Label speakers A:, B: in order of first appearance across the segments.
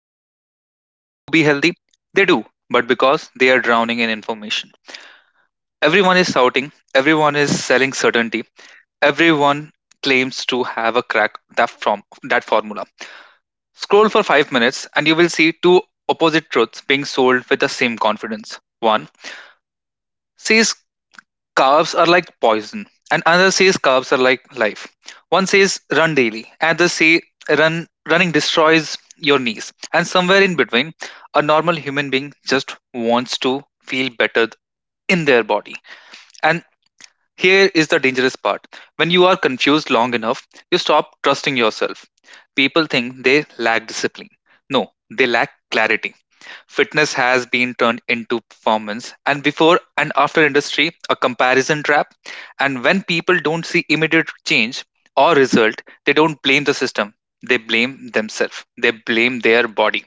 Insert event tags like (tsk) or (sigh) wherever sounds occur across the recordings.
A: because people don't want to be healthy, they do, but because they are drowning in information. Everyone is shouting, everyone is selling certainty, everyone claims to have a crack that from that formula. Scroll for 5 minutes and you will see two opposite truths being sold with the same confidence. One says carbs are like poison, and another says carbs are like life. One says run daily, another say run running destroys your knees. And somewhere in between, a normal human being just wants to feel better in their body. And here is the dangerous part: when you are confused long enough, you stop trusting yourself. People think they lack discipline. No, they lack clarity. Fitness has been turned into performance, and before and after industry, a comparison trap. And when people don't see immediate change or result, they don't blame the system. They blame themselves. They blame their body.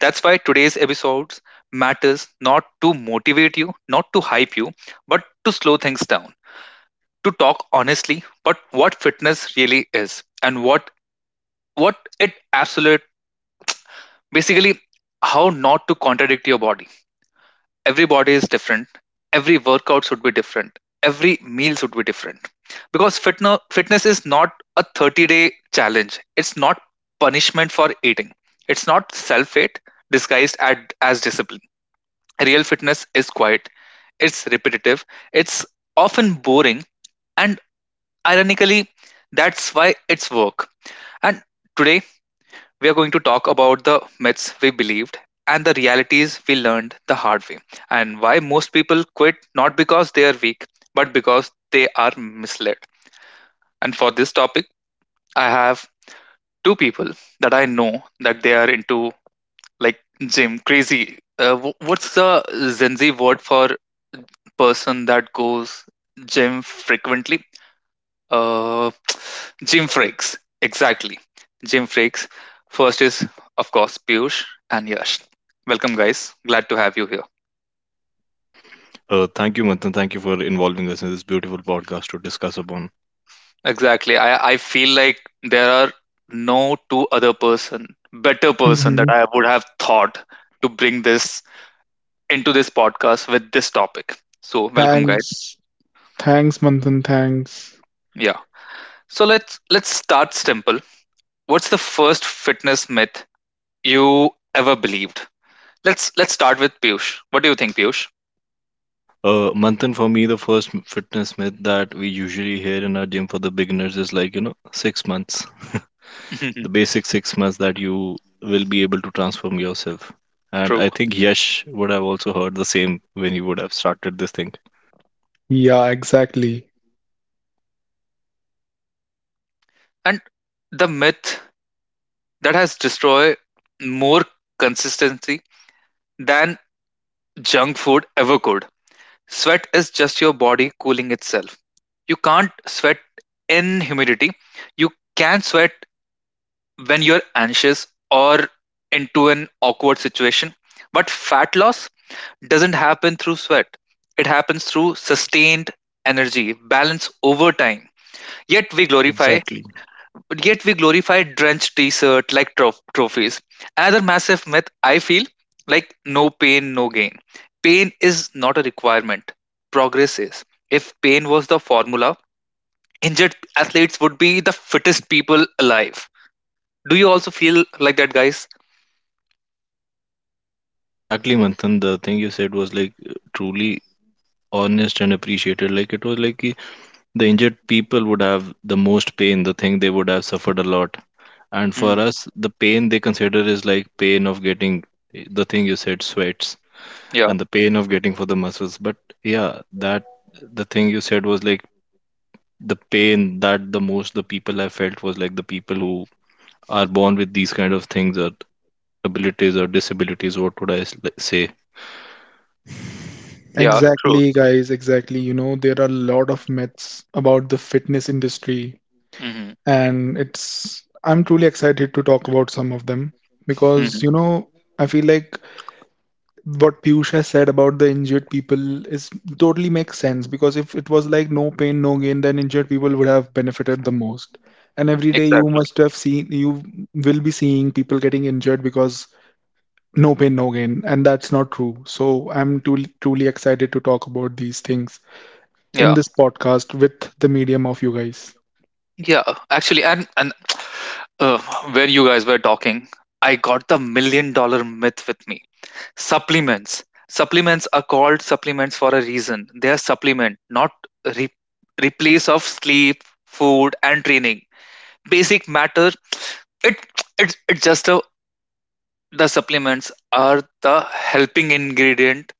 A: That's why today's episodes matters, not to motivate you, not to hype you, but to slow things down, to talk honestly but what fitness really is, and what it absolute basically, how not to contradict your body. Every body is different, every workout should be different, every meal should be different, because fitness is not a 30-day challenge. It's not punishment for eating, it's not self hate disguised as discipline. Real fitness is quiet, it's repetitive, it's often boring, and ironically, that's why it's work. And today we are going to talk about the myths we believed and the realities we learned the hard way, and why most people quit, not because they are weak, but because they are misled. And for this topic, I have two people that I know that they are into, like, gym crazy. What's the Gen Z word for person that goes gym frequently? Uh, (tsk) gym freaks, exactly. Gym freaks. First is, of course, Piyush and Yash. Welcome, guys. Glad to have you here.
B: Thank you, Manthan. Thank you for involving us in this beautiful podcast to discuss upon.
A: Exactly. I feel like there are no two other person, better person that
C: Mhm.
A: I would have thought to bring this into this podcast with this topic. So welcome, guys.
C: Thanks. Thanks, Manthan. Thanks.
A: Yeah. So let's start simple. What's the first fitness myth you ever believed? Let's start with Piyush. What do you think, Piyush?
B: Manthan, for me, the first fitness myth that we usually hear in our gym for the beginners is like, you know, 6 months. (laughs) The
A: (laughs)
B: basic 6 months that you will be able to transform yourself. And I
A: True.
B: think Yash would have also heard the same when he would have started this thing.
C: Yeah, exactly.
A: And the myth that has destroyed more consistency than junk food ever could. Sweat is just your body cooling itself. You can't sweat in humidity. You can sweat when you're anxious or into an awkward situation. But fat loss doesn't happen through sweat, it happens through sustained energy, balance over time. Yet we glorify
B: Exactly.
A: But yet we glorify drenched t-shirt like trophies. Another massive myth I feel like, no pain, no gain. Pain is not a requirement. Progress is. If pain was the formula, injured athletes would be the fittest people alive. Do you also feel like that, guys?
B: Exactly, Manthan. The thing you said was like truly honest and appreciated. Like it was like ki the injured people would have the most pain, the thing they would have suffered a lot. And for
A: Mm,
B: us, the pain they consider is like pain of getting the thing you said, sweats,
A: yeah,
B: and the pain of getting for the muscles. But yeah, that the thing you said was like the pain that the most the people have felt was like the people who are born with these kind of things or abilities or disabilities. What would I like say?
A: yeah, true.
C: Exactly, guys. Exactly. You know, there are a lot of myths about the fitness industry,
A: Hmm.
C: and I'm truly excited to talk about some of them
A: Hmm.
C: because, you know, I feel like what Piyush has said about the injured people is totally makes sense because if it was like no pain, no gain, then injured people would have benefited the most. And every day you
A: Exactly.
C: must have seen, you will be seeing people getting injured because no pain, no gain. And that's not true. So I'm truly excited to talk about these things
A: Yeah.
C: in this podcast with the medium of you guys.
A: Yeah, actually, and uh, when you guys were talking, I got the million dollar myth with me. Supplements. Supplements are called supplements for a reason. They are supplement, not re- replace of sleep, food, and training. Basic matter. It it's just a, the supplements are the helping ingredient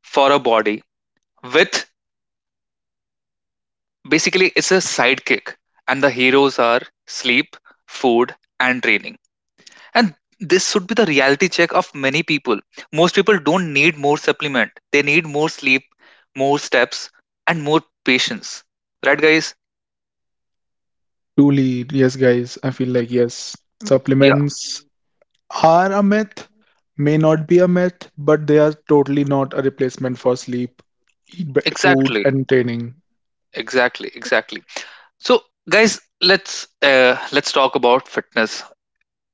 A: for a body. With basically, it's a sidekick, and the heroes are sleep, food, and training. And this should be the reality check of many people. Most people don't need more supplement. They need more sleep, more steps, and more patience. Right, guys?
C: Truly, yes, guys, I feel like, yes,
A: Yeah,
C: supplements are a myth, may not be a myth, but they are totally not a replacement for sleep, food,
A: exactly,
C: and training.
A: exactly, exactly. So, guys, let's talk about fitness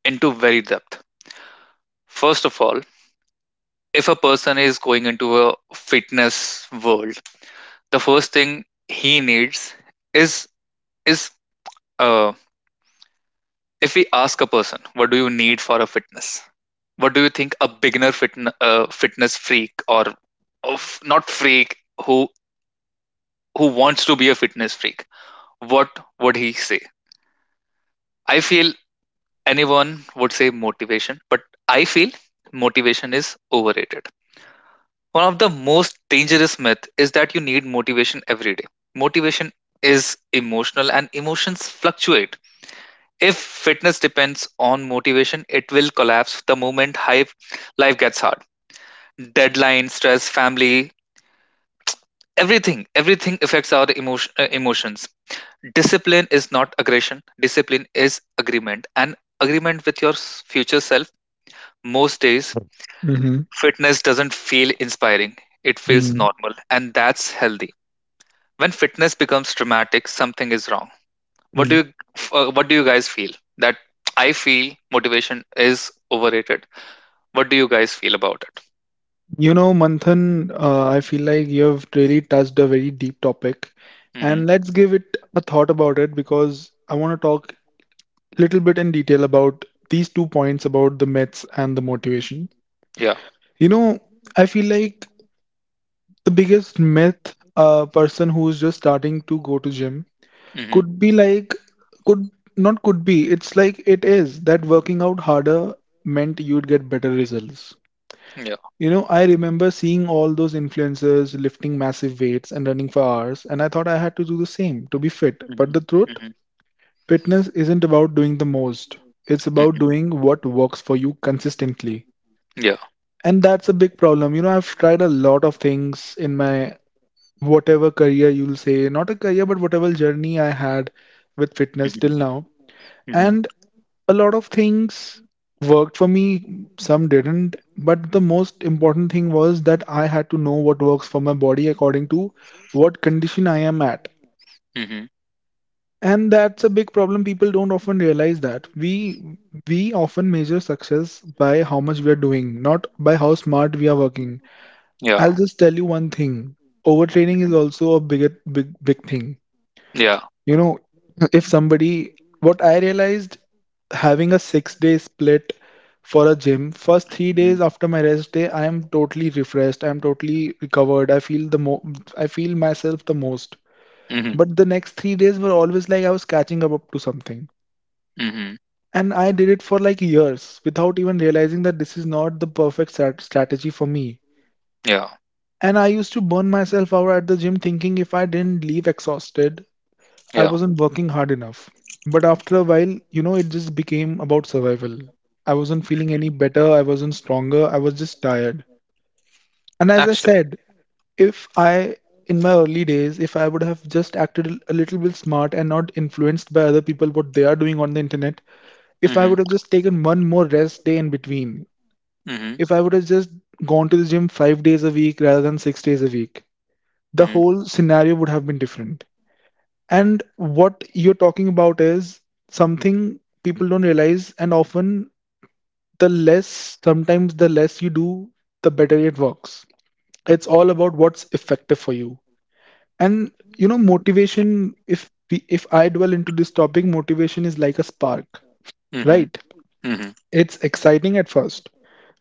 A: into very depth. First of all, if a person is going into a fitness world, the first thing he needs is is um if we ask a person, what do you need for a fitness, what do you think a beginner fitness freak, or of not freak, who who wants to be a fitness freak, what would he say? I feel anyone would say motivation, but I feel motivation is overrated. One of the most dangerous myth is that you need motivation every day. Motivation is emotional, and emotions fluctuate. If fitness depends on motivation, it will collapse the moment hype life gets hard. Deadline, stress, family, everything affects our emotions. Discipline is not aggression. Discipline is agreement, and agreement with your future self. Most days,
C: Hmm
A: fitness doesn't feel inspiring. It feels
C: hmm
A: normal, and that's healthy. When fitness becomes dramatic, something is wrong. What do
C: hmm
A: you, what do you guys feel? That, I feel motivation is overrated. What do you guys feel about it?
C: You know, Manthan, I feel like you have really touched a very deep topic.
A: Hmm.
C: And let's give it a thought about it because I want to talk little bit in detail about these 2 points about the myths and the motivation.
A: Yeah.
C: You know, I feel like the biggest myth a person who is just starting to go to gym
A: Hmm.
C: could be like could not could be it's like it is that working out harder meant you'd get better results.
A: Yeah.
C: You know, I remember seeing all those influencers lifting massive weights and running for hours, and I thought I had to do the same to be fit.
A: Hmm.
C: But the truth:
A: Hmm.
C: fitness isn't about doing the most. It's about
A: Hmm.
C: doing what works for you consistently.
A: Yeah.
C: And that's a big problem. You know, I've tried a lot of things in my whatever career you'll say, not a career, but whatever journey I had with fitness
A: Hmm.
C: till now.
A: Hmm.
C: And a lot of things worked for me, some didn't. But the most important thing was that I had to know what works for my body according to what condition I am at.
A: Hmm.
C: And that's a big problem. People don't often realize that. We often measure success by how much we are doing, not by how smart we are working.
A: Yeah.
C: I'll just tell you one thing. Overtraining is
A: Hmm.
C: also a big thing.
A: Yeah.
C: You know, if somebody what I realized, having a 6-day split for a gym, first 3
A: Hmm.
C: days after my rest day, I am totally refreshed. I am totally recovered. I feel myself the most.
A: Hmm.
C: But the next 3 days were always like I was catching up to something.
A: Hmm.
C: And I did it for like years without even realizing that this is not the perfect strategy for me.
A: Yeah.
C: And I used to burn myself out at the gym thinking if I didn't leave exhausted, I
A: Yeah.
C: wasn't working hard enough. But after a while, you know, it just became about survival. I wasn't feeling any
A: Hmm.
C: better, I wasn't stronger, I was just tired. And as I
A: Actually.
C: said, if I, in my early days, if I would have just acted a little bit smart and not influenced by other people what they are doing on the internet, if I
A: Hmm.
C: would have just taken one more rest day in between,
A: Hmm.
C: if I would have just gone to the gym 5 days a week rather than 6 days a week, the
A: Hmm.
C: whole scenario would have been different. And what you're talking about is something people don't realize, and often sometimes the less you do, the better it works. It's all about what's effective for you. And you know, motivation, if I dwell into this topic, motivation is like a spark,
A: Hmm.
C: right?
A: Hmm.
C: It's exciting at first,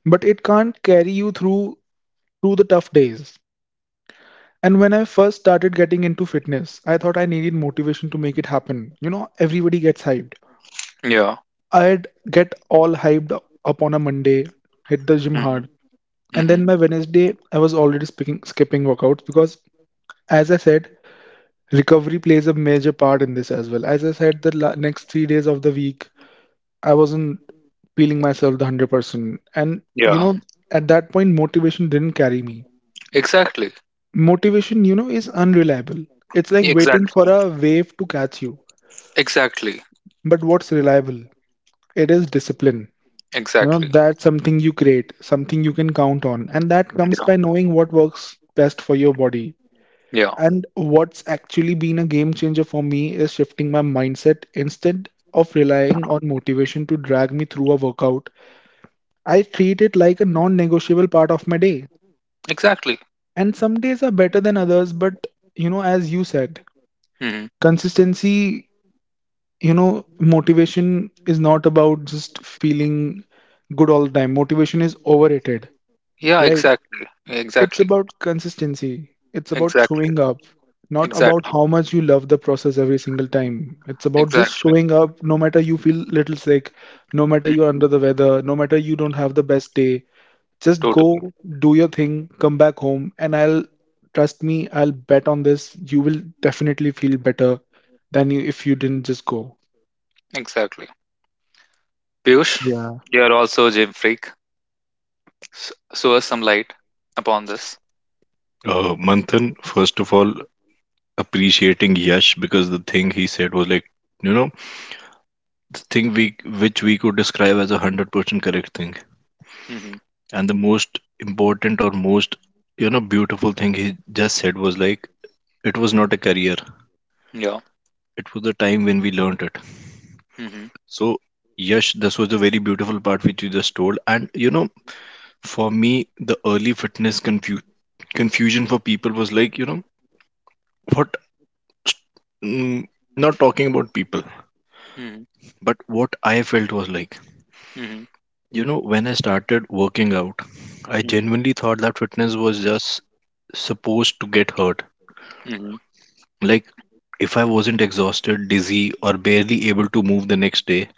C: but it can't carry you through the tough days. And when I first started getting into fitness, I thought I needed motivation to make it happen. You know, everybody gets hyped.
A: Yeah.
C: I'd get all hyped up on a Monday, hit the gym
A: Hmm.
C: hard, and
A: Hmm.
C: then by Wednesday, I was already skipping workouts because, as I said, recovery plays a major part in this as well. As I said, the next 3 days of the week, I wasn't feeling myself the 100%. And, you
A: Yeah.
C: know, at that point, motivation didn't carry me.
A: Exactly.
C: Motivation, you know, is unreliable. It's like waiting for
A: Exactly.
C: a wave to catch you.
A: Exactly.
C: But what's reliable? It is discipline. You know,
A: Exactly.
C: that's something you create, something you can count on. And that comes
A: Yeah.
C: by knowing what works best for your body.
A: Yeah.
C: And what's actually been a game changer for me is shifting my mindset instead of relying on motivation to drag me through a workout. I treat it like a non negotiable part of my day.
A: Exactly.
C: And some days are better than others, but you know, as you said,
A: Hmm.
C: consistency, you know, motivation is not about just feeling good all the time. Motivation is overrated,
A: Yeah,
C: right?
A: exactly.
C: It's
A: Exactly.
C: about consistency. It's about
A: Exactly.
C: showing up, not about
A: Exactly.
C: how much you love the process every single time. It's about just
A: Exactly.
C: showing up no matter you feel little sick, no matter you're under the
A: Hmm.
C: weather, no matter you don't have the best day. Just
A: Totally.
C: go, do your thing, come back home, and I'll trust me, I'll bet on this. You will definitely feel better than you if you didn't just go.
A: Exactly. Piyush,
C: Yeah.
A: you are also a gym freak. So us some light upon this.
B: Manthan, first of all, appreciating Yash because the thing he said was like, you know, the thing we which we could describe as 100% correct thing.
A: Hmm.
B: And the most important or most, you know, beautiful thing he just said was like, it was not a career.
A: Yeah.
B: It was the time when we learned it.
A: Hmm.
B: So, Yash, this was a very beautiful part which you just told. And, you know, for me, the early fitness confusion for people was like, you know, what, mm, not talking about people,
A: Hmm.
B: but what I felt was like,
A: Hmm.
B: you know, when I started working out, I
A: Hmm.
B: genuinely thought that fitness was just supposed to get hurt.
A: Hmm.
B: Like if I wasn't exhausted, dizzy, or barely able to move the next day,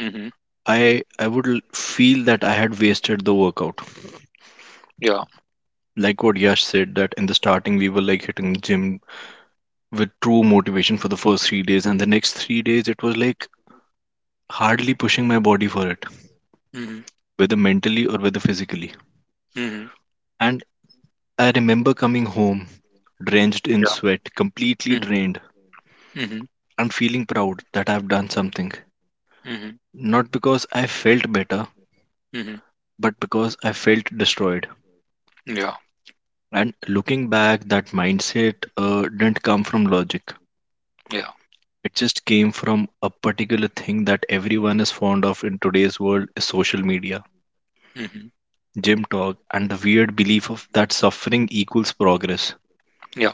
A: Hmm.
B: I would feel that I had wasted the workout.
A: Yeah.
B: Like what Yash said, that in the starting we were like hitting the gym with true motivation for the first 3 days, and the next 3 days it was like hardly pushing my body for it,
A: Hmm.
B: whether mentally or whether physically.
A: Hmm.
B: And I remember coming home, drenched in
A: Yeah.
B: sweat, completely
A: Hmm.
B: drained,
A: Hmm.
B: and feeling proud that I've done something.
A: Hmm.
B: Not because I felt better,
A: Hmm.
B: but because I felt destroyed.
A: Yeah.
B: And looking back, that mindset didn't come from logic.
A: Yeah.
B: It just came from a particular thing that everyone is fond of in today's world is social media,
A: Hmm.
B: gym talk, and the weird belief of that suffering equals progress.
A: Yeah.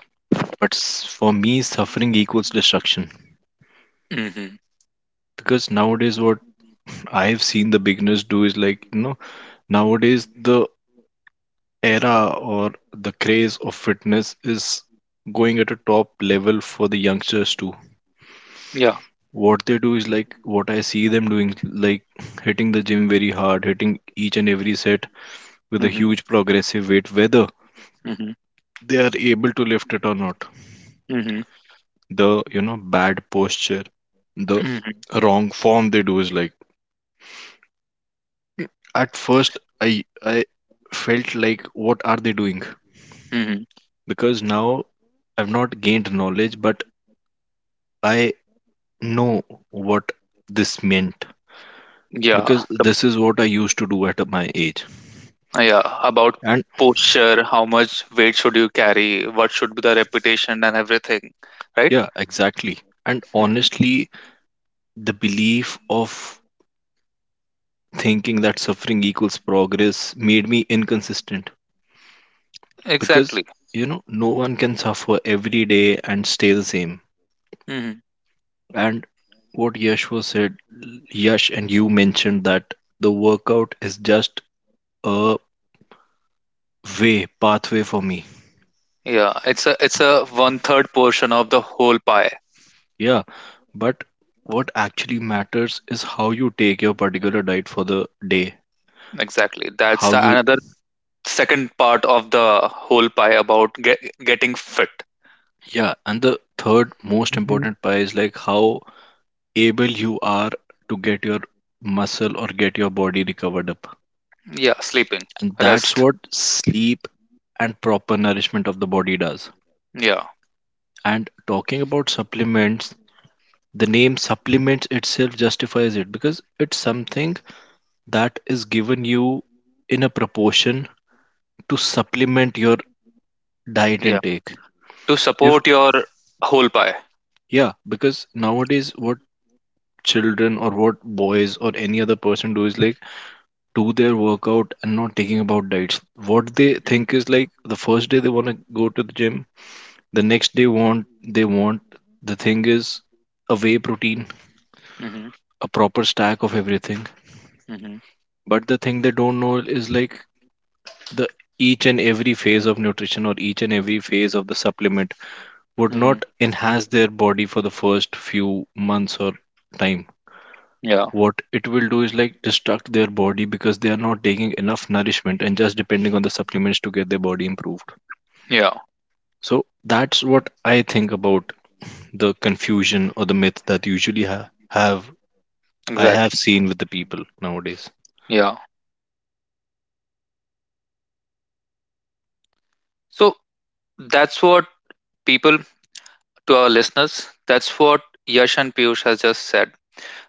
B: But for me, suffering equals destruction.
A: Hmm.
B: Because nowadays, what I've seen the beginners do is like, you know, nowadays the era or the craze of fitness is going at a top level for the youngsters too.
A: Yeah.
B: What they do is like what I see them doing, like hitting the gym very hard, hitting each and every set with a
A: Hmm.
B: huge progressive weight, whether
A: Hmm.
B: they are able to lift it or not.
A: Hmm.
B: The, you know, bad posture, the
A: Hmm.
B: wrong form they do is like at first I felt like what are they doing?
A: Hmm.
B: Because now I've not gained knowledge, but I know what this meant
A: Yeah.
B: because this is what I used to do at my age.
A: Yeah, about
B: And
A: posture, how much weight should you carry, what should be the reputation and everything, right?
B: yeah, exactly. And
A: Hmm.
B: honestly, the belief of thinking that suffering equals progress made me inconsistent because,
A: Exactly.
B: you know, no one can suffer every day and stay the same.
A: Hmm.
B: And what Yash was said, Yash and you mentioned that the workout is just a way, pathway for me.
A: Yeah, it's a one third portion of the whole pie.
B: Yeah, but what actually matters is how you take your particular diet for the day,
A: Exactly. That's
B: how
A: the
B: you.
A: another second part of the whole pie about getting fit.
B: Yeah, and the third most important part is like how able you are to get your muscle or get your body recovered up.
A: Yeah, sleeping,
B: And that's
A: rest.
B: what sleep and proper nourishment of the body does.
A: Yeah,
B: And talking about supplements, the name supplements itself justifies it because it's something that is given you in a proportion to supplement your diet
A: yeah.
B: intake.
A: To
B: If,
A: support your whole pie.
B: yeah, because nowadays what children or what boys or any other person do is like do their workout and not thinking about diets. What they think
A: Hmm.
B: is like the first day they want to go to the gym, the next day want they want the thing is a whey protein,
A: Hmm.
B: a proper stack of everything.
A: Hmm.
B: But the thing they don't know is like the each and every phase of nutrition or each and every phase of the supplement would
A: Hmm.
B: not enhance their body for the first few months or time.
A: Yeah,
B: What it will do is like destruct their body because they are not taking enough nourishment and just depending on the supplements to get their body improved.
A: yeah,
B: So that's what I think about the confusion or the myth that usually have I have
A: exactly.
B: seen with the people nowadays.
A: Yeah. So that's what people to our listeners, that's what Yash and Piyush has just said.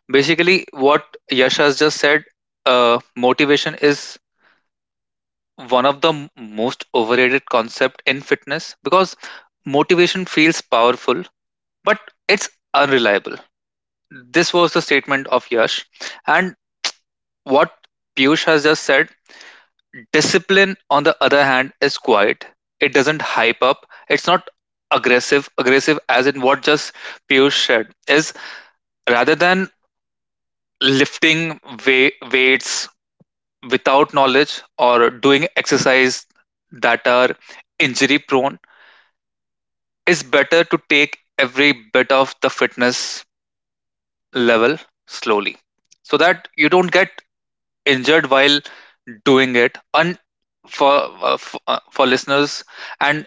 A: Basically, what Yash has just said, motivation is one of the most overrated concept in fitness, because motivation feels powerful, but it's unreliable. This was the statement of Yash. And what Piyush has just said, discipline, on the other hand, is quiet. It doesn't hype up. It's not aggressive. Aggressive, as in what just Piyush said, is rather than lifting weights without knowledge or doing exercise that are injury prone, is better to take every bit of the fitness level slowly so that you don't get injured while doing it. And for for listeners, and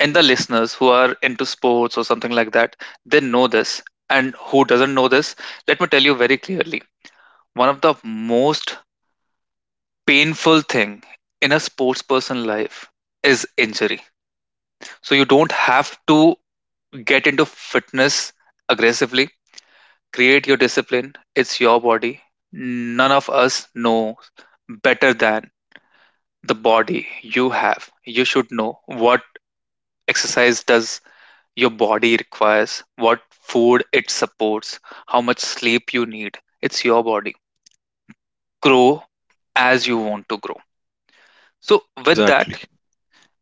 A: in the listeners who are into sports or something like that, they know this. And who doesn't know this, let me tell you very clearly, one of the most painful thing in a sports person life is injury. So you don't have to get into fitness aggressively. Create your discipline. It's your body. None of us know better than the body you have. You should know what exercise does your body requires, what food it supports, how much sleep you need. It's your body. Grow
B: E-
A: as you want to grow. So
B: Exactly,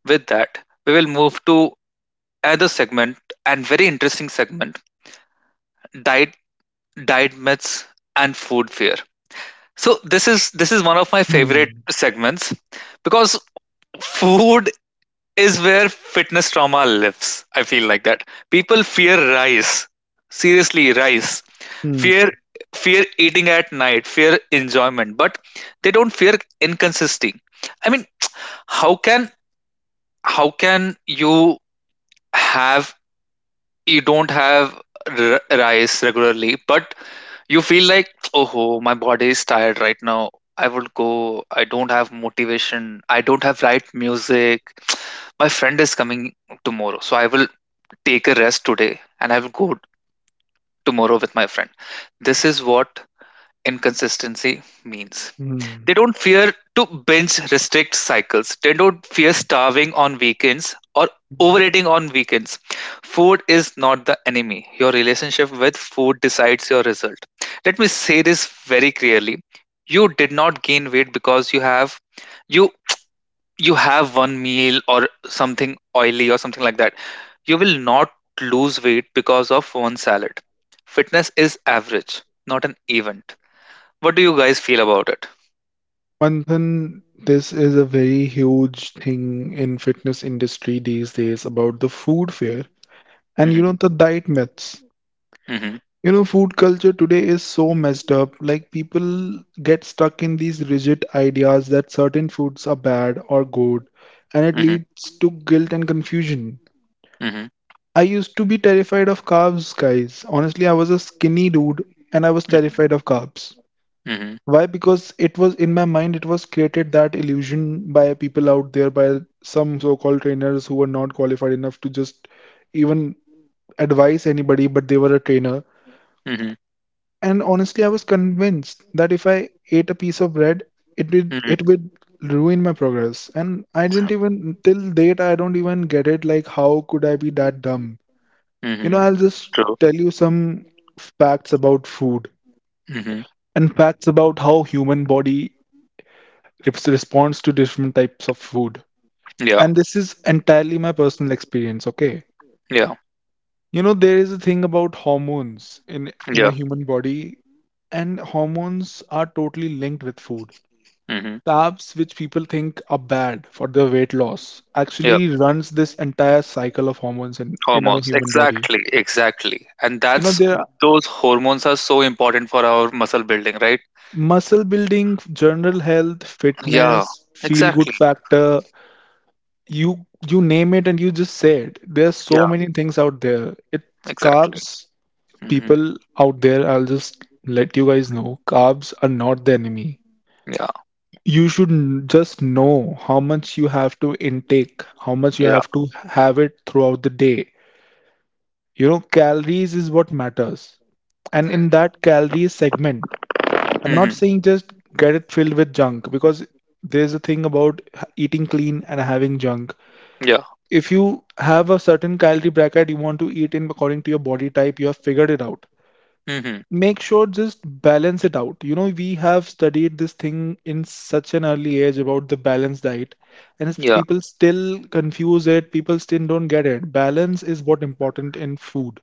A: with that, we will move to other segment, and very interesting segment, diet diet myths and food fear. So this is one of my favorite
C: Hmm.
A: segments, because food is where fitness trauma lives. I feel like that. People fear rice. Seriously, rice.
C: Hmm.
A: Fear Fear eating at night, fear enjoyment, but they don't fear inconsistency. I mean, how can how can have you don't have rice regularly, but you feel like, oh, my body is tired right now. I would go. I don't have motivation. I don't have right music. My friend is coming tomorrow, so I will take a rest today and I will go tomorrow with my friend. This is what inconsistency means.
C: Hmm.
A: They don't fear to binge-restrict cycles. They don't fear starving on weekends or
C: Hmm.
A: overeating on weekends. Food is not the enemy. Your relationship with food decides your result. Let me say this very clearly. You did not gain weight because you you have one meal or something oily or something like that. You will not lose weight because of one salad. Fitness is average, not an event. What do you guys feel about it?
C: One thing, this is a very huge thing in fitness industry these days about the food fair and you
A: Hmm.
C: know the diet myths. You know, food culture today is so messed up. Like people get stuck in these rigid ideas that certain foods are bad or good, and it
A: Mhm.
C: leads to guilt and confusion.
A: Mhm.
C: I used to be terrified of carbs, guys. Honestly, I was a skinny dude and I was
A: Mhm.
C: terrified of carbs.
A: Mhm.
C: Why? Because it was in my mind, it was created that illusion by people out there, by some so-called trainers who were not qualified enough to just even advise anybody, but they were a trainer.
A: Mhm.
C: And honestly, I was convinced that if I ate a piece of bread, it
A: Mhm.
C: would ruin my progress. And I didn't even till date, I don't even get it. Like, how could I be that dumb? You know,
A: Mhm.
C: I'll just
A: True.
C: tell you some facts about food
A: Mhm.
C: and facts about how human body it responds to different types of food.
A: Yeah.
C: And this is entirely my personal experience, okay?
A: Yeah.
C: You know, there is a thing about hormones in a
A: Yeah.
C: human body, and hormones are totally linked with food.
A: Mhm.
C: Carbs, which people think are bad for their weight loss,
A: Yeah.
C: actually runs this entire cycle of hormones in a
A: Hormones.
C: human body.
A: Exactly. Exactly. And
C: You know,
A: that's,
C: there are
A: those hormones are so important for our muscle building, right?
C: muscle building, general health,
A: Yeah.
C: fitness, feel good
A: Exactly.
C: factor, you name it and you just say it. There's so
A: Yeah.
C: many things out there. It
A: Exactly.
C: carbs
A: Mhm.
C: people out there. I'll just let you guys know carbs are not the enemy.
A: Yeah.
C: You should just know how much you have to intake, how much you
A: Yeah.
C: have to have it throughout the day. You know, calories is what matters. And in that calories segment, I'm not
A: Mhm.
C: saying just get it filled with junk because there's a thing about eating clean and having junk.
A: Yeah.
C: If you have a certain calorie bracket you want to eat in according to your body type you have figured it out,
A: Mhm.
C: make sure just balance it out. You know, we have studied this thing in such an early age about the balanced diet, and
A: Yeah.
C: people still confuse it, people still don't get it. Balance is what important in food,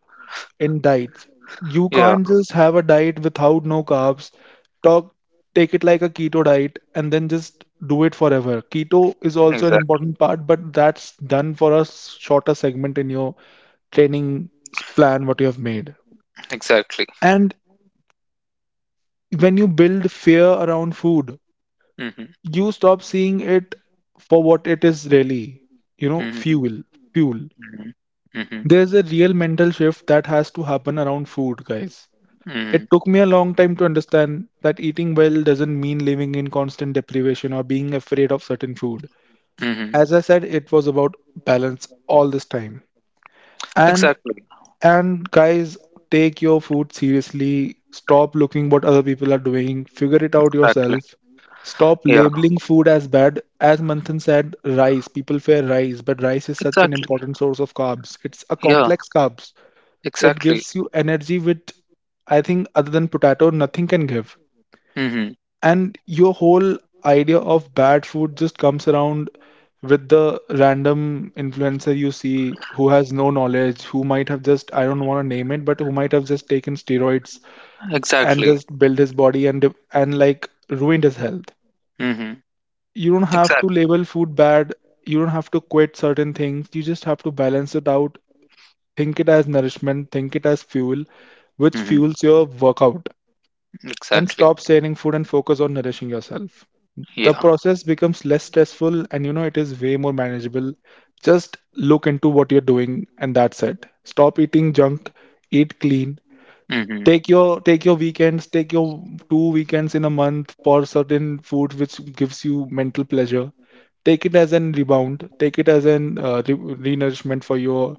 C: in diets. You
A: Yeah.
C: can't just have a diet without no carbs, talk, take it like a keto diet, and then just do it forever. Keto is also an
A: Exactly.
C: important part, but that's done for a shorter segment in your training plan, what you have made.
A: Exactly.
C: And when you build fear around food,
A: Mhm.
C: you stop seeing it for what it is really, you know,
A: Mhm.
C: fuel.
A: Mhm. Mhm.
C: There's a real mental shift that has to happen around food, guys. It
A: Mhm.
C: took me a long time to understand that eating well doesn't mean living in constant deprivation or being afraid of certain food.
A: Mhm.
C: As I said, it was about balance all this time. And
A: Exactly.
C: and guys, take your food seriously. Stop looking what other people are doing. Figure it out
A: Exactly.
C: yourself. Stop
A: Yeah.
C: labeling food as bad. As Manthan said, rice. People fear rice, but rice is such an
A: Exactly.
C: important source of carbs. It's a
A: Yeah.
C: complex carbs. It
A: Exactly.
C: gives you energy which I think other than potato, nothing can give.
A: Mm-hmm.
C: And your whole idea of bad food just comes around with the random influencer you see who has no knowledge, who might have just, I don't want to name it, but who might have just taken steroids and
A: Exactly.
C: just built his body and and like ruined his health.
A: Mm-hmm.
C: You don't have to
A: Exactly.
C: label food bad, you don't have to quit certain things, you just have to balance it out. Think it as nourishment, think it as fuel which
A: Mm-hmm.
C: fuels your workout, and
A: Exactly.
C: stop saying food and focus on nourishing yourself. The
A: Yeah.
C: process becomes less stressful and you know it is way more manageable. Just look into what you're doing and that's it. Stop eating junk, eat clean.
A: Mm-hmm.
C: Take your take your weekends, take your 2 weekends in a month for certain food which gives you mental pleasure. Take it as an rebound, take it as an nourishment for your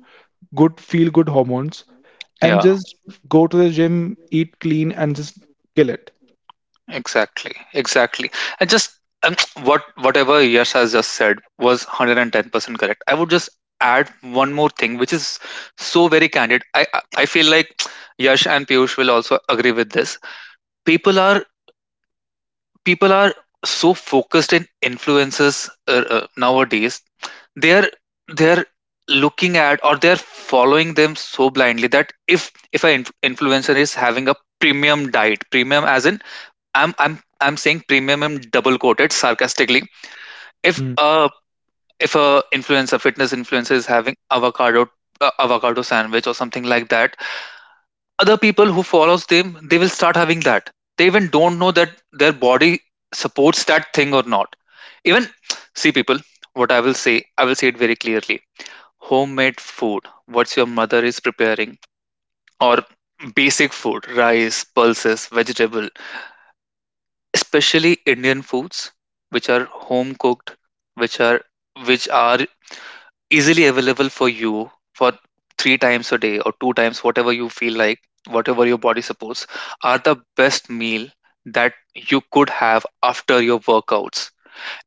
C: good feel good hormones, and
A: Yeah.
C: just go to the gym, eat clean, and just kill it.
A: Exactly. Exactly. And just um, (tsk) whatever Yash has just said was 110% correct. I would just add one more thing, which is so very candid. I feel like (tsk) Yash and Piyush will also agree with this. People are people are so focused in influences nowadays. They're they're looking at, or they're following them so blindly that if an influencer is having a premium diet, premium as in I'm saying premium in double quoted sarcastically. if
C: Mm,
A: uh if a influencer fitness influencer is having avocado, avocado sandwich or something like that, other people who follows them, they will start having that. They even don't know that their body supports that thing or not. Even, see, people, what I will say, I will say it very clearly. Homemade food, what's your mother is preparing, or basic food, rice, pulses, vegetable, especially Indian foods, which are home cooked, which are which are easily available for you for 3 times a day or 2 times, whatever you feel like, whatever your body supports, are the best meal that you could have after your workouts.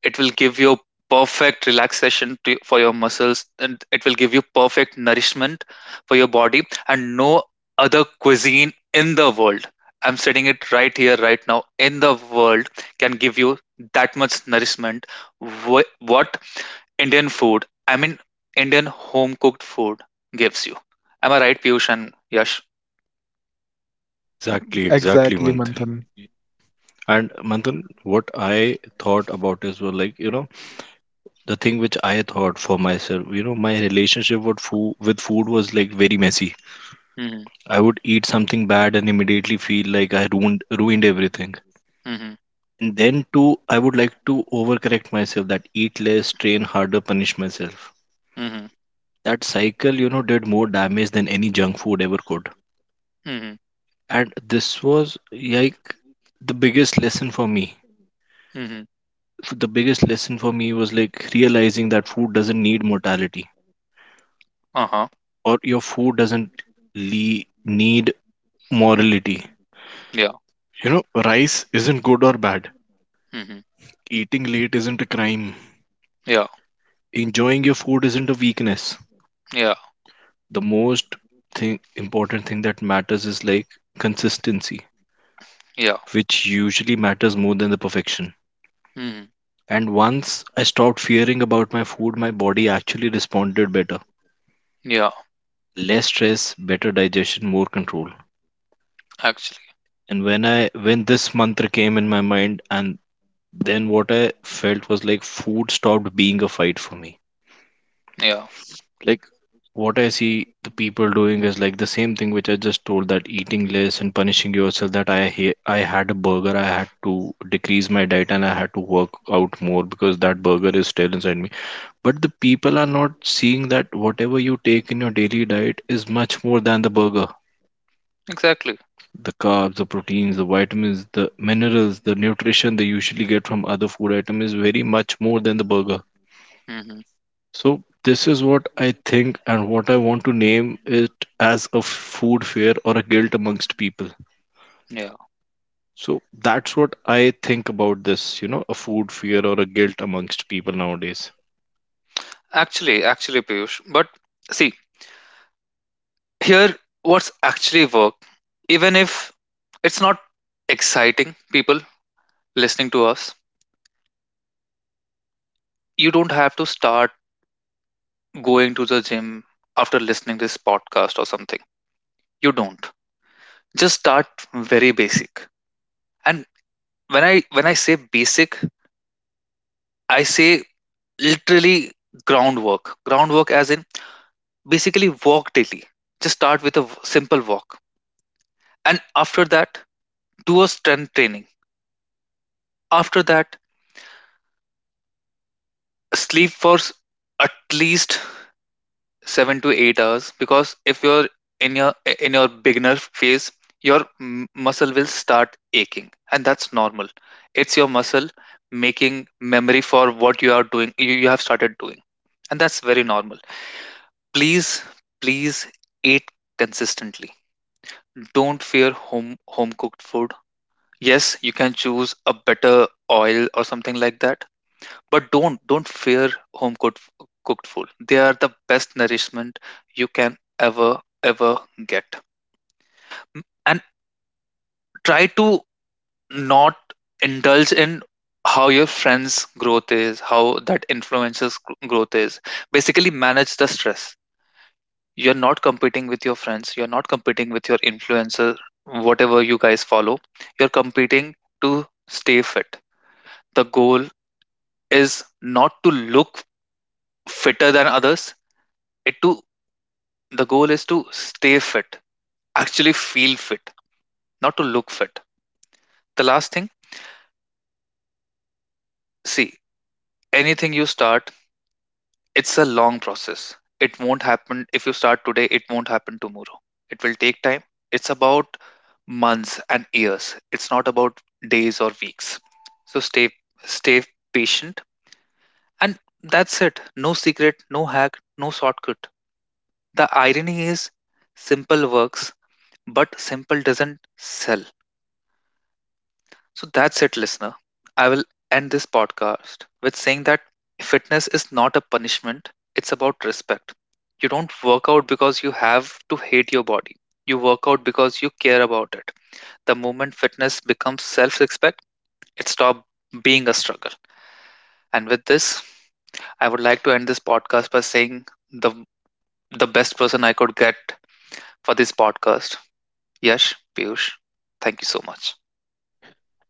A: It will give you perfect relaxation for your muscles, and it will give you perfect nourishment for your body, and no other cuisine in the world, I'm stating it right here, right now, in the world, can give you that much nourishment. What Indian food, I mean, Indian home cooked food gives you. Am I right, Piyush and Yash?
B: exactly, exactly,
C: exactly,
B: Manthan.
C: Manthan.
B: And Manthan, what I thought about is well, like you know, the thing which I thought for myself, you know, my relationship with food was like very messy.
A: Mm-hmm.
B: I would eat something bad and immediately feel like I ruined everything.
A: Mm-hmm.
B: And then too, I would like to overcorrect myself that eat less, train harder, punish myself,
A: Mm-hmm.
B: that cycle you know did more damage than any junk food ever could.
A: Mm-hmm.
B: And this was like the biggest lesson for me.
A: Mm-hmm.
B: The biggest lesson for me was like realizing that food doesn't need mortality,
A: Uh-huh.
B: or your food doesn't le- need morality.
A: Yeah.
B: You know, rice isn't good or bad,
A: Mm-hmm.
B: eating late isn't a crime,
A: Yeah.
B: enjoying your food isn't a weakness.
A: Yeah.
B: The most thing important thing that matters is like consistency,
A: Yeah.
B: which usually matters more than the perfection.
A: Mm-hmm.
B: And once I stopped fearing about my food, my body actually responded better.
A: Yeah.
B: Less stress, better digestion, more control.
A: Actually,
B: And when this mantra came in my mind and then what I felt was like food stopped being a fight for me.
A: yeah,
B: Like what I see the people doing is like the same thing which I just told that eating less and punishing yourself, that I had a burger, I had to decrease my diet and I had to work out more because that burger is still inside me. But the people are not seeing that whatever you take in your daily diet is much more than the burger.
A: exactly.
B: The carbs, the proteins, the vitamins, the minerals, the nutrition they usually get from other food item is very much more than the burger.
A: Hmm.
B: So this is what I think and what I want to name it as a food fear or a guilt amongst people.
A: Yeah,
B: So that's what I think about this, you know, a food fear or a guilt amongst people nowadays.
A: actually, Piyush. But see, here, what's actually work, even if it's not exciting, people listening to us, you don't have to start going to the gym after listening this podcast or something. You don't. Just start very basic. And when I say basic, I say literally groundwork. Groundwork as in basically walk daily. Just start with a simple walk. And after that, do a strength training. After that, sleep for at least 7 to 8 hours, because if you're in your beginner phase, your muscle will start aching, and that's normal. It's your muscle making memory for what you are doing. You have started doing, and that's very normal. Please, please eat consistently. Don't fear home cooked food. Yes, you can choose a better oil or something like that. But don't fear home cooked food. They are the best nourishment you can ever ever get. And try to not indulge in how your friends' growth is, how that influences growth is. Basically, manage the stress. You're not competing with your friends. You're not competing with your influencer, whatever you guys follow. You're competing to stay fit. The goal is not to look fitter than others, it to the goal is to stay fit, actually feel fit, not to look fit. The last thing, see, anything you start, it's a long process. It won't happen if you start today, it won't happen tomorrow. It will take time. It's about months and years, it's not about days or weeks. So stay patient. And that's it. No secret, no hack, no shortcut. The irony is, simple works, but simple doesn't sell. So that's it, listener. I will end this podcast with saying that fitness is not a punishment, it's about respect. You don't work out because you have to hate your body, you work out because you care about it. The moment fitness becomes self respect, it stops being a struggle. And with this, I would like to end this podcast by saying the, the best person I could get for this podcast, Yash, Piyush. Thank you so much.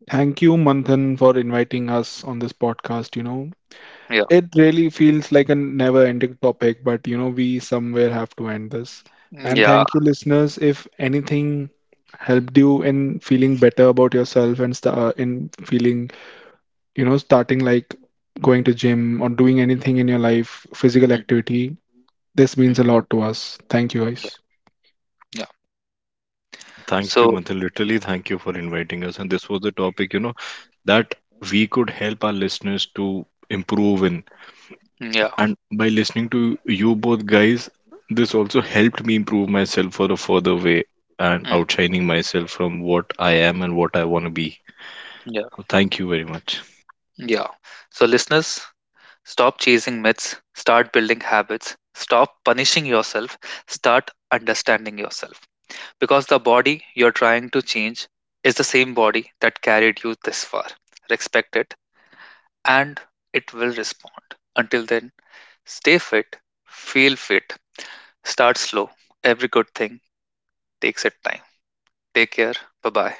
C: Thank you, Manthan, for inviting us on this podcast. You know,
A: Yeah.
C: it really feels like a never ending topic, but you know, we somewhere have to end this. And
A: Yeah.
C: thank you, listeners. If anything helped you in feeling better about yourself and in feeling, you know, starting like going to gym or doing anything in your life, physical
A: Mhm.
C: activity, this means a
A: Mhm.
C: lot to us. Thank you, guys.
A: Yeah. Yeah.
B: And thank you,
A: So,
B: Manthan. Literally, thank you for inviting us. And this was the topic, you know, that we could help our listeners to improve in.
A: yeah,
B: And by listening to you both guys, this also helped me improve myself for a further way and
A: mhm,
B: outshining myself from what I am and what I want to be.
A: yeah,
B: So thank you very much.
A: yeah. So, listeners, stop chasing myths, start building habits, stop punishing yourself, start understanding yourself. Because the body you're trying to change is the same body that carried you this far. Respect it, and it will respond. Until then, stay fit, feel fit, start slow. Every good thing takes its time. Take care. Bye bye.